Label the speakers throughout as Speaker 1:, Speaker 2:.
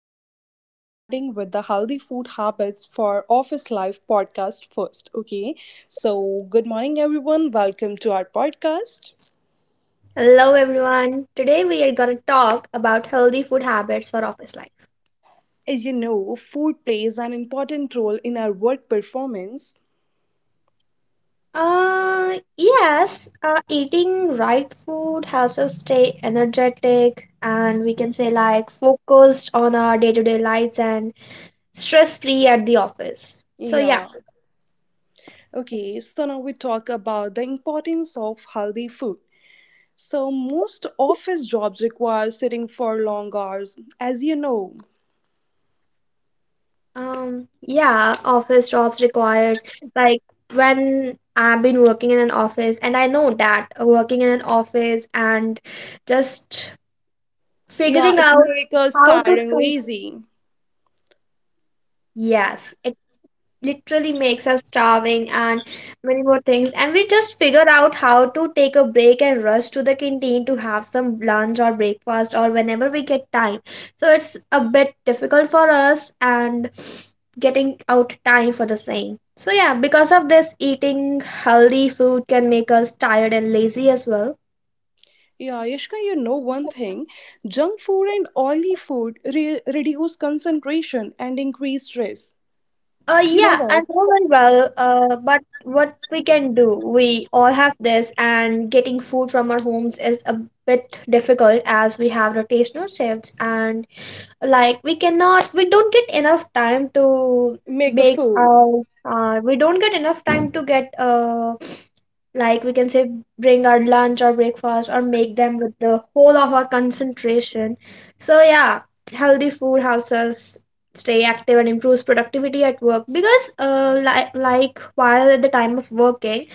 Speaker 1: so today we are starting with the healthy food habits for office life podcast first. Okay, so good morning, everyone. Welcome to our podcast.
Speaker 2: Hello everyone. Today we are going to talk about healthy food habits for office life.
Speaker 1: As you know, food plays an important role in our work performance.
Speaker 2: Yes, eating right food helps us stay energetic and we can say like focused on our day-to-day lives and stress-free at the office. So yeah.
Speaker 1: Yeah. Okay, so now we talk about the importance of healthy food. So most office jobs require sitting for long hours. As you know,
Speaker 2: Yeah, office jobs requires like when I've been working in an office and I know that working in an office and just
Speaker 1: yeah,
Speaker 2: figuring
Speaker 1: it
Speaker 2: out
Speaker 1: makes us
Speaker 2: how to
Speaker 1: tired and
Speaker 2: cook.
Speaker 1: lazy.
Speaker 2: Yes, it literally makes us starving and many more things, and we just figure out how to take a break and rush to the canteen to have some lunch or breakfast or whenever we get time. So it's a bit difficult for us and getting out time for the same. So yeah, because of this, eating healthy food can make us tired and lazy as well.
Speaker 1: Yeah, Yashka, you know one thing, junk food and oily food reduce concentration and increase stress. You know
Speaker 2: Yeah, I
Speaker 1: that?
Speaker 2: know very well. But what we can do, we all have this, and getting food from our homes is a bit difficult as we have rotational shifts and like we don't get enough time to
Speaker 1: Make the
Speaker 2: make
Speaker 1: food.
Speaker 2: our we don't get enough time to get like we can say bring our lunch or breakfast or make them with the whole of our concentration. So yeah, healthy food helps us stay active and improves productivity at work because while at the time of working,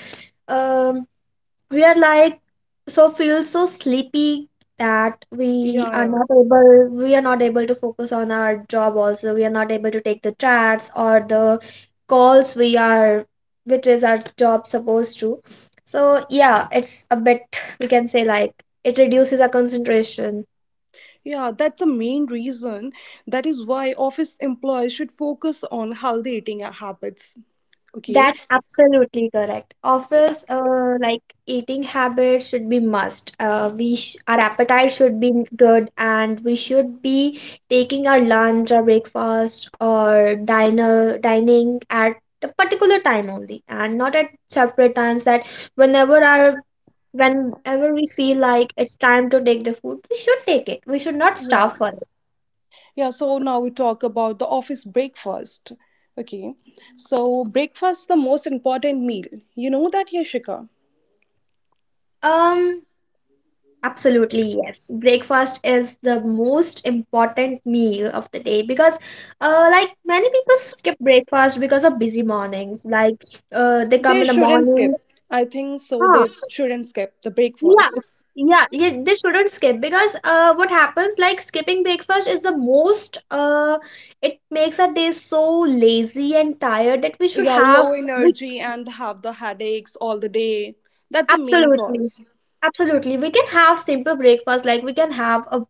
Speaker 2: um we are like so feel so sleepy that
Speaker 1: Yeah, yeah.
Speaker 2: we are not able to focus on our job. Also, we are not able to take the chats or the calls we are, which is our job supposed to. So yeah, it's a bit, we can say like, it reduces our concentration.
Speaker 1: Yeah, that's the main reason. That is why office employees should focus on healthy eating habits. Okay.
Speaker 2: That's absolutely correct. Office, like eating habits should be must. Our appetite should be good, and we should be taking our lunch or breakfast or diner dining at the particular time only, and not at separate times. That whenever our whenever we feel like it's time to take the food, we should take it. We should not
Speaker 1: Yeah.
Speaker 2: starve for it.
Speaker 1: Yeah, so now we talk about the office breakfast. Okay. So breakfast the most important meal. You know that, Yashika?
Speaker 2: Um, Absolutely, yes. Breakfast is the most important meal of the day because like many people skip breakfast because of busy mornings. Like, they come
Speaker 1: They
Speaker 2: in the
Speaker 1: shouldn't
Speaker 2: morning.
Speaker 1: skip. I think so.
Speaker 2: Huh.
Speaker 1: They shouldn't skip the breakfast.
Speaker 2: Yes, yeah, yeah, they shouldn't skip because, uh, what happens, like skipping breakfast is the most, it makes our day so lazy and tired that we should
Speaker 1: Yeah,
Speaker 2: have
Speaker 1: low
Speaker 2: we,
Speaker 1: energy and have the headaches all the day. That's the main
Speaker 2: absolutely.
Speaker 1: cause.
Speaker 2: Absolutely, we can have simple breakfast like we can have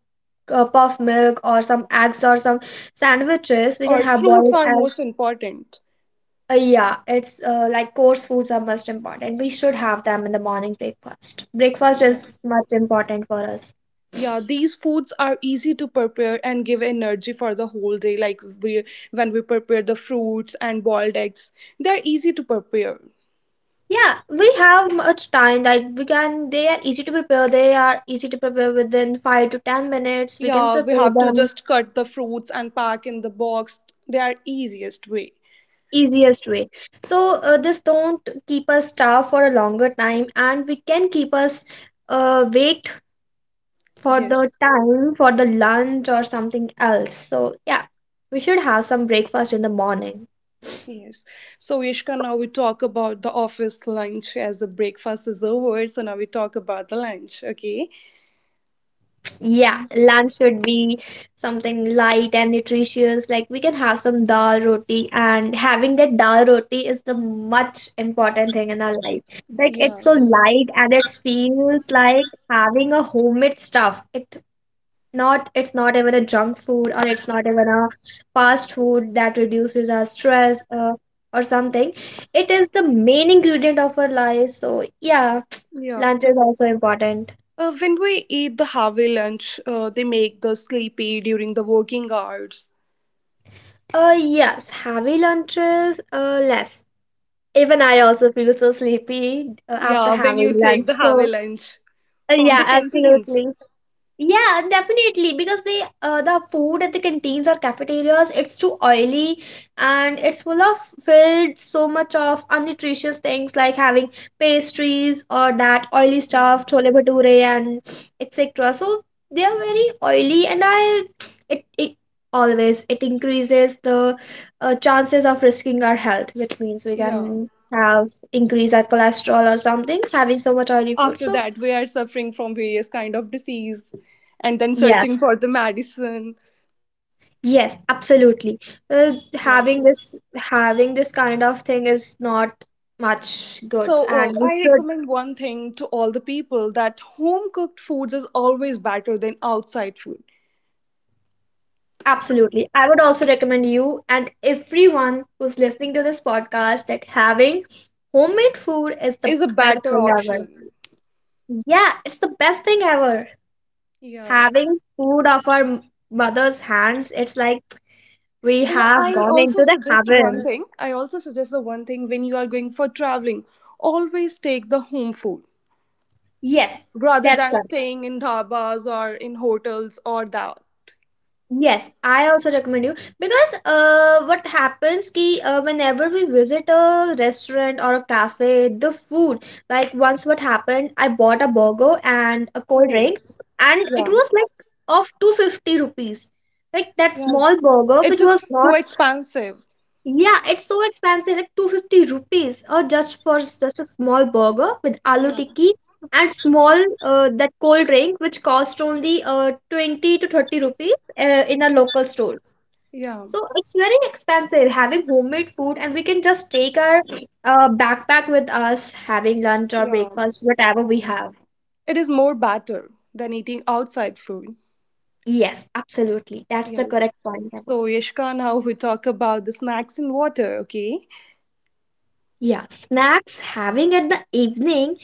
Speaker 2: a puff milk or some eggs or some sandwiches. We can
Speaker 1: Or
Speaker 2: have
Speaker 1: fruits
Speaker 2: boiled
Speaker 1: are
Speaker 2: eggs.
Speaker 1: most important.
Speaker 2: Yeah, it's like coarse foods are most important. We should have them in the morning breakfast. Breakfast
Speaker 1: Yeah.
Speaker 2: is much important for us.
Speaker 1: Yeah, these foods are easy to prepare and give energy for the whole day. Like we when we prepare the fruits and boiled eggs, they're easy to prepare.
Speaker 2: Yeah, we have much time. They are easy to prepare. They are easy to prepare within 5 to 10 minutes. We can
Speaker 1: Yeah, we
Speaker 2: prepare
Speaker 1: have to
Speaker 2: them
Speaker 1: just cut the fruits and pack in the box. They are easiest way.
Speaker 2: easiest way. So this don't keep us starved for a longer time, and we can keep us, wait for the
Speaker 1: Yes.
Speaker 2: time for the lunch or something else. So yeah, we should have some breakfast in the morning.
Speaker 1: Yes. So, Ishka, now we talk about the office lunch as the breakfast is over. So, now we talk about the lunch, okay?
Speaker 2: Yeah, lunch should be something light and nutritious. Like we can have some dal roti, and having that dal roti is the much important thing in our life. Like
Speaker 1: Yeah.
Speaker 2: it's so light and it feels like having a homemade stuff. It's not even a junk food, or it's not even a fast food that reduces our stress, uh, or something, it is the main ingredient of our life. So yeah,
Speaker 1: Yeah.
Speaker 2: lunch is also important.
Speaker 1: When we eat the heavy lunch, they make the sleepy during the working hours.
Speaker 2: Yes, heavy lunches less even I also feel so sleepy after
Speaker 1: Yeah, when
Speaker 2: having
Speaker 1: you
Speaker 2: lunch.
Speaker 1: take the heavy
Speaker 2: So
Speaker 1: lunch from
Speaker 2: yeah,
Speaker 1: the canteens.
Speaker 2: absolutely. Yeah, definitely. Because they, the food at the canteens or cafeterias, it's too oily and it's full of filled so much of unnutritious things like having pastries or that oily
Speaker 1: Yeah.
Speaker 2: stuff, chole bhature and etc. So they are very oily and I it, it always it increases the, chances of risking our health, which means we
Speaker 1: Yeah.
Speaker 2: can have increase our cholesterol or something having so much oily food.
Speaker 1: After
Speaker 2: So
Speaker 1: that, we are suffering from various kind of disease and then
Speaker 2: yeah.
Speaker 1: searching for the medicine.
Speaker 2: Yes, absolutely.
Speaker 1: Yeah.
Speaker 2: Having this kind of thing is not much good,
Speaker 1: So,
Speaker 2: and we
Speaker 1: I
Speaker 2: should,
Speaker 1: recommend one thing to all the people that home cooked foods is always better than outside food.
Speaker 2: absolutely. I would also recommend you and everyone who's listening to this podcast that having homemade food is the
Speaker 1: Is a
Speaker 2: best
Speaker 1: better
Speaker 2: thing ever.
Speaker 1: option.
Speaker 2: Yeah, it's the best thing ever.
Speaker 1: Yeah, yeah.
Speaker 2: Having food of our mother's hands, it's like we
Speaker 1: Yeah,
Speaker 2: have
Speaker 1: I
Speaker 2: gone into
Speaker 1: also
Speaker 2: the
Speaker 1: suggest one
Speaker 2: heaven.
Speaker 1: thing. I also suggest the one thing when you are going for traveling, always take the home food
Speaker 2: Yes,
Speaker 1: rather
Speaker 2: that's
Speaker 1: than
Speaker 2: right.
Speaker 1: staying in dhabas or in hotels or that.
Speaker 2: Yes, I also recommend you because, what happens ki whenever we visit a restaurant or a cafe, the food, like once what happened, I bought a burger and a cold
Speaker 1: Oh,
Speaker 2: drink, and it
Speaker 1: yeah,
Speaker 2: was like of 250 rupees, like that
Speaker 1: yeah.
Speaker 2: small burger
Speaker 1: It's
Speaker 2: which was
Speaker 1: just so
Speaker 2: not,
Speaker 1: expensive.
Speaker 2: yeah, it's so expensive, like 250 rupees, or just for such a small burger with aloo
Speaker 1: Yeah,
Speaker 2: tikki and small, that cold drink, which cost only, 20 to 30 rupees, in our local stores.
Speaker 1: yeah,
Speaker 2: So it's very expensive. Having homemade food, and we can just take our, backpack with us, having lunch or
Speaker 1: yeah.
Speaker 2: breakfast, whatever we have.
Speaker 1: It is more better than eating outside food.
Speaker 2: Yes, absolutely. That's the
Speaker 1: Yes.
Speaker 2: correct point, Vaibhav.
Speaker 1: So, Yashka, now we talk about the snacks and water, okay?
Speaker 2: Yeah, snacks having at the evening,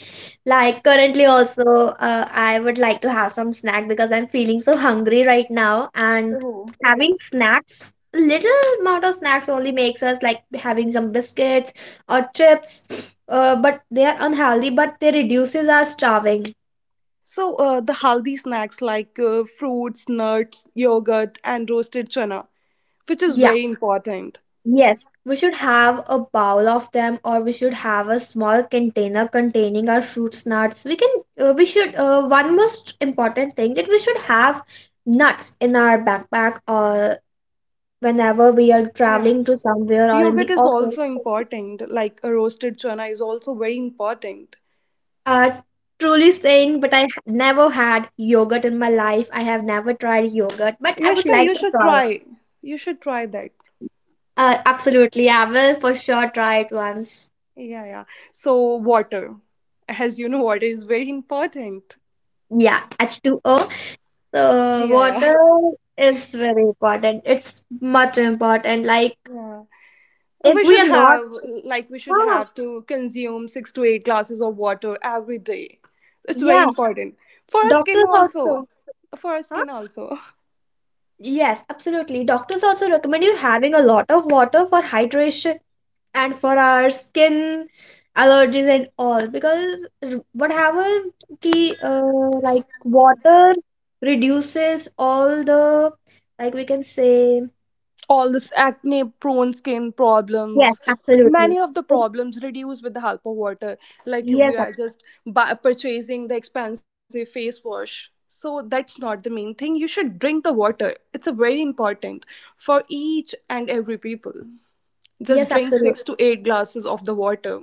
Speaker 2: like currently also, I would like to have some snack because I'm feeling so hungry right now. And
Speaker 1: Oh.
Speaker 2: having snacks, little amount of snacks only, makes us like having some biscuits or chips. But they are unhealthy, but they reduces our starving.
Speaker 1: So, the healthy snacks like fruits, nuts, yogurt, and roasted chana, which is
Speaker 2: Yeah.
Speaker 1: very important.
Speaker 2: Yes, we should have a bowl of them, or we should have a small container containing our fruits, nuts. We can, we should. One most important thing that we should have nuts in our backpack or whenever we are
Speaker 1: Yeah.
Speaker 2: traveling to somewhere or in
Speaker 1: Yogurt
Speaker 2: the
Speaker 1: is
Speaker 2: office.
Speaker 1: also important, like a roasted chana is also very important.
Speaker 2: Uh, truly saying, but I never had yogurt in my life. I have never tried yogurt, but I would
Speaker 1: Yashka,
Speaker 2: like
Speaker 1: you
Speaker 2: to
Speaker 1: should
Speaker 2: try it.
Speaker 1: try. You should try that.
Speaker 2: Absolutely, I will for sure try it once.
Speaker 1: Yeah, yeah. So, water. As you know, water is very important.
Speaker 2: Yeah, H2O. So,
Speaker 1: Yeah, yeah.
Speaker 2: water is very important. It's much important. Like,
Speaker 1: Yeah.
Speaker 2: if
Speaker 1: We
Speaker 2: we
Speaker 1: should
Speaker 2: are not,
Speaker 1: have, we should
Speaker 2: huh,
Speaker 1: have to consume six to eight glasses of water every day. It's very
Speaker 2: yeah,
Speaker 1: important for our skin
Speaker 2: doctors also.
Speaker 1: also. For our
Speaker 2: Huh?
Speaker 1: skin also.
Speaker 2: Yes, absolutely. Doctors also recommend you having a lot of water for hydration and for our skin allergies and all because r- what happens ki like water reduces all the, like we can say,
Speaker 1: All this acne prone skin problems,
Speaker 2: yes, absolutely.
Speaker 1: many of the
Speaker 2: It-
Speaker 1: problems reduce with the help of water. Like we
Speaker 2: yes ab-
Speaker 1: are just purchasing the expensive face wash. So that's not the main thing. You should drink the water. It's a very important for each and every people. Just
Speaker 2: yes,
Speaker 1: drink
Speaker 2: absolutely.
Speaker 1: six to eight glasses of the water.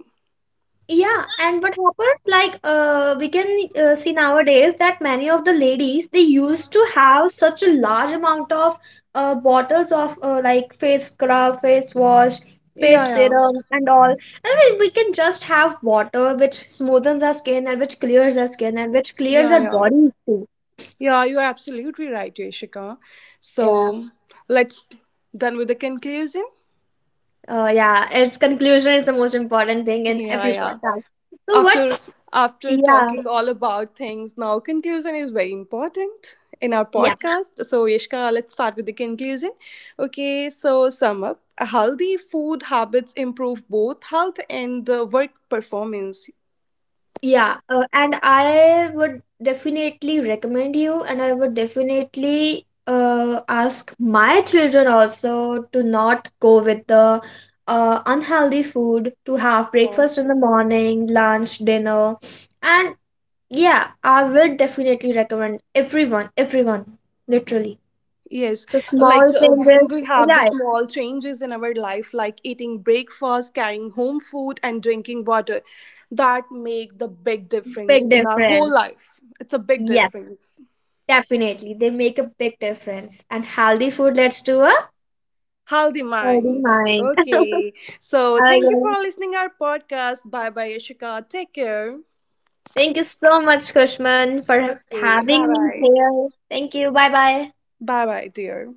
Speaker 2: Yeah, and what happens, like, we can, see nowadays that many of the ladies they used to have such a large amount of, bottles of, like face scrub, face wash,
Speaker 1: Yeah,
Speaker 2: face
Speaker 1: yeah,
Speaker 2: serum, and all. And we can just have water which smoothens our skin and which clears our skin and which clears
Speaker 1: yeah,
Speaker 2: our
Speaker 1: yeah,
Speaker 2: body too.
Speaker 1: yeah. You're absolutely right, Yashika.
Speaker 2: Yeah,
Speaker 1: So let's done with the conclusion.
Speaker 2: yeah. Its conclusion is the most important thing in
Speaker 1: Yeah,
Speaker 2: every
Speaker 1: yeah.
Speaker 2: podcast. So
Speaker 1: After
Speaker 2: what's,
Speaker 1: after
Speaker 2: yeah,
Speaker 1: talking all about things, now conclusion is very important in our
Speaker 2: yeah.
Speaker 1: podcast. So Yashika, let's start with the conclusion. Okay, so sum up. Healthy food habits improve both health and work performance.
Speaker 2: Yeah, and I would definitely recommend you, and I would definitely, ask my children also to not go with the, unhealthy food, to have
Speaker 1: Yeah.
Speaker 2: breakfast in the morning, lunch, dinner. And yeah, I will definitely recommend everyone, everyone, literally.
Speaker 1: Yes,
Speaker 2: So small
Speaker 1: like when
Speaker 2: changes,
Speaker 1: we have the
Speaker 2: yeah,
Speaker 1: small changes in our life, like eating breakfast, carrying home food, and drinking water, that make the big difference
Speaker 2: big
Speaker 1: in our whole
Speaker 2: difference.
Speaker 1: life. It's a big
Speaker 2: Yes,
Speaker 1: difference.
Speaker 2: definitely. They make a big difference. And healthy food leads to a
Speaker 1: Healthy
Speaker 2: healthy
Speaker 1: mind.
Speaker 2: mind.
Speaker 1: Okay, so thank you for
Speaker 2: Okay.
Speaker 1: listening our podcast. Bye bye, Yashika. Take care.
Speaker 2: Thank you so much, Kushman, for
Speaker 1: Okay, bye
Speaker 2: having me
Speaker 1: bye.
Speaker 2: here. Thank you. Bye bye.
Speaker 1: Bye bye, dear.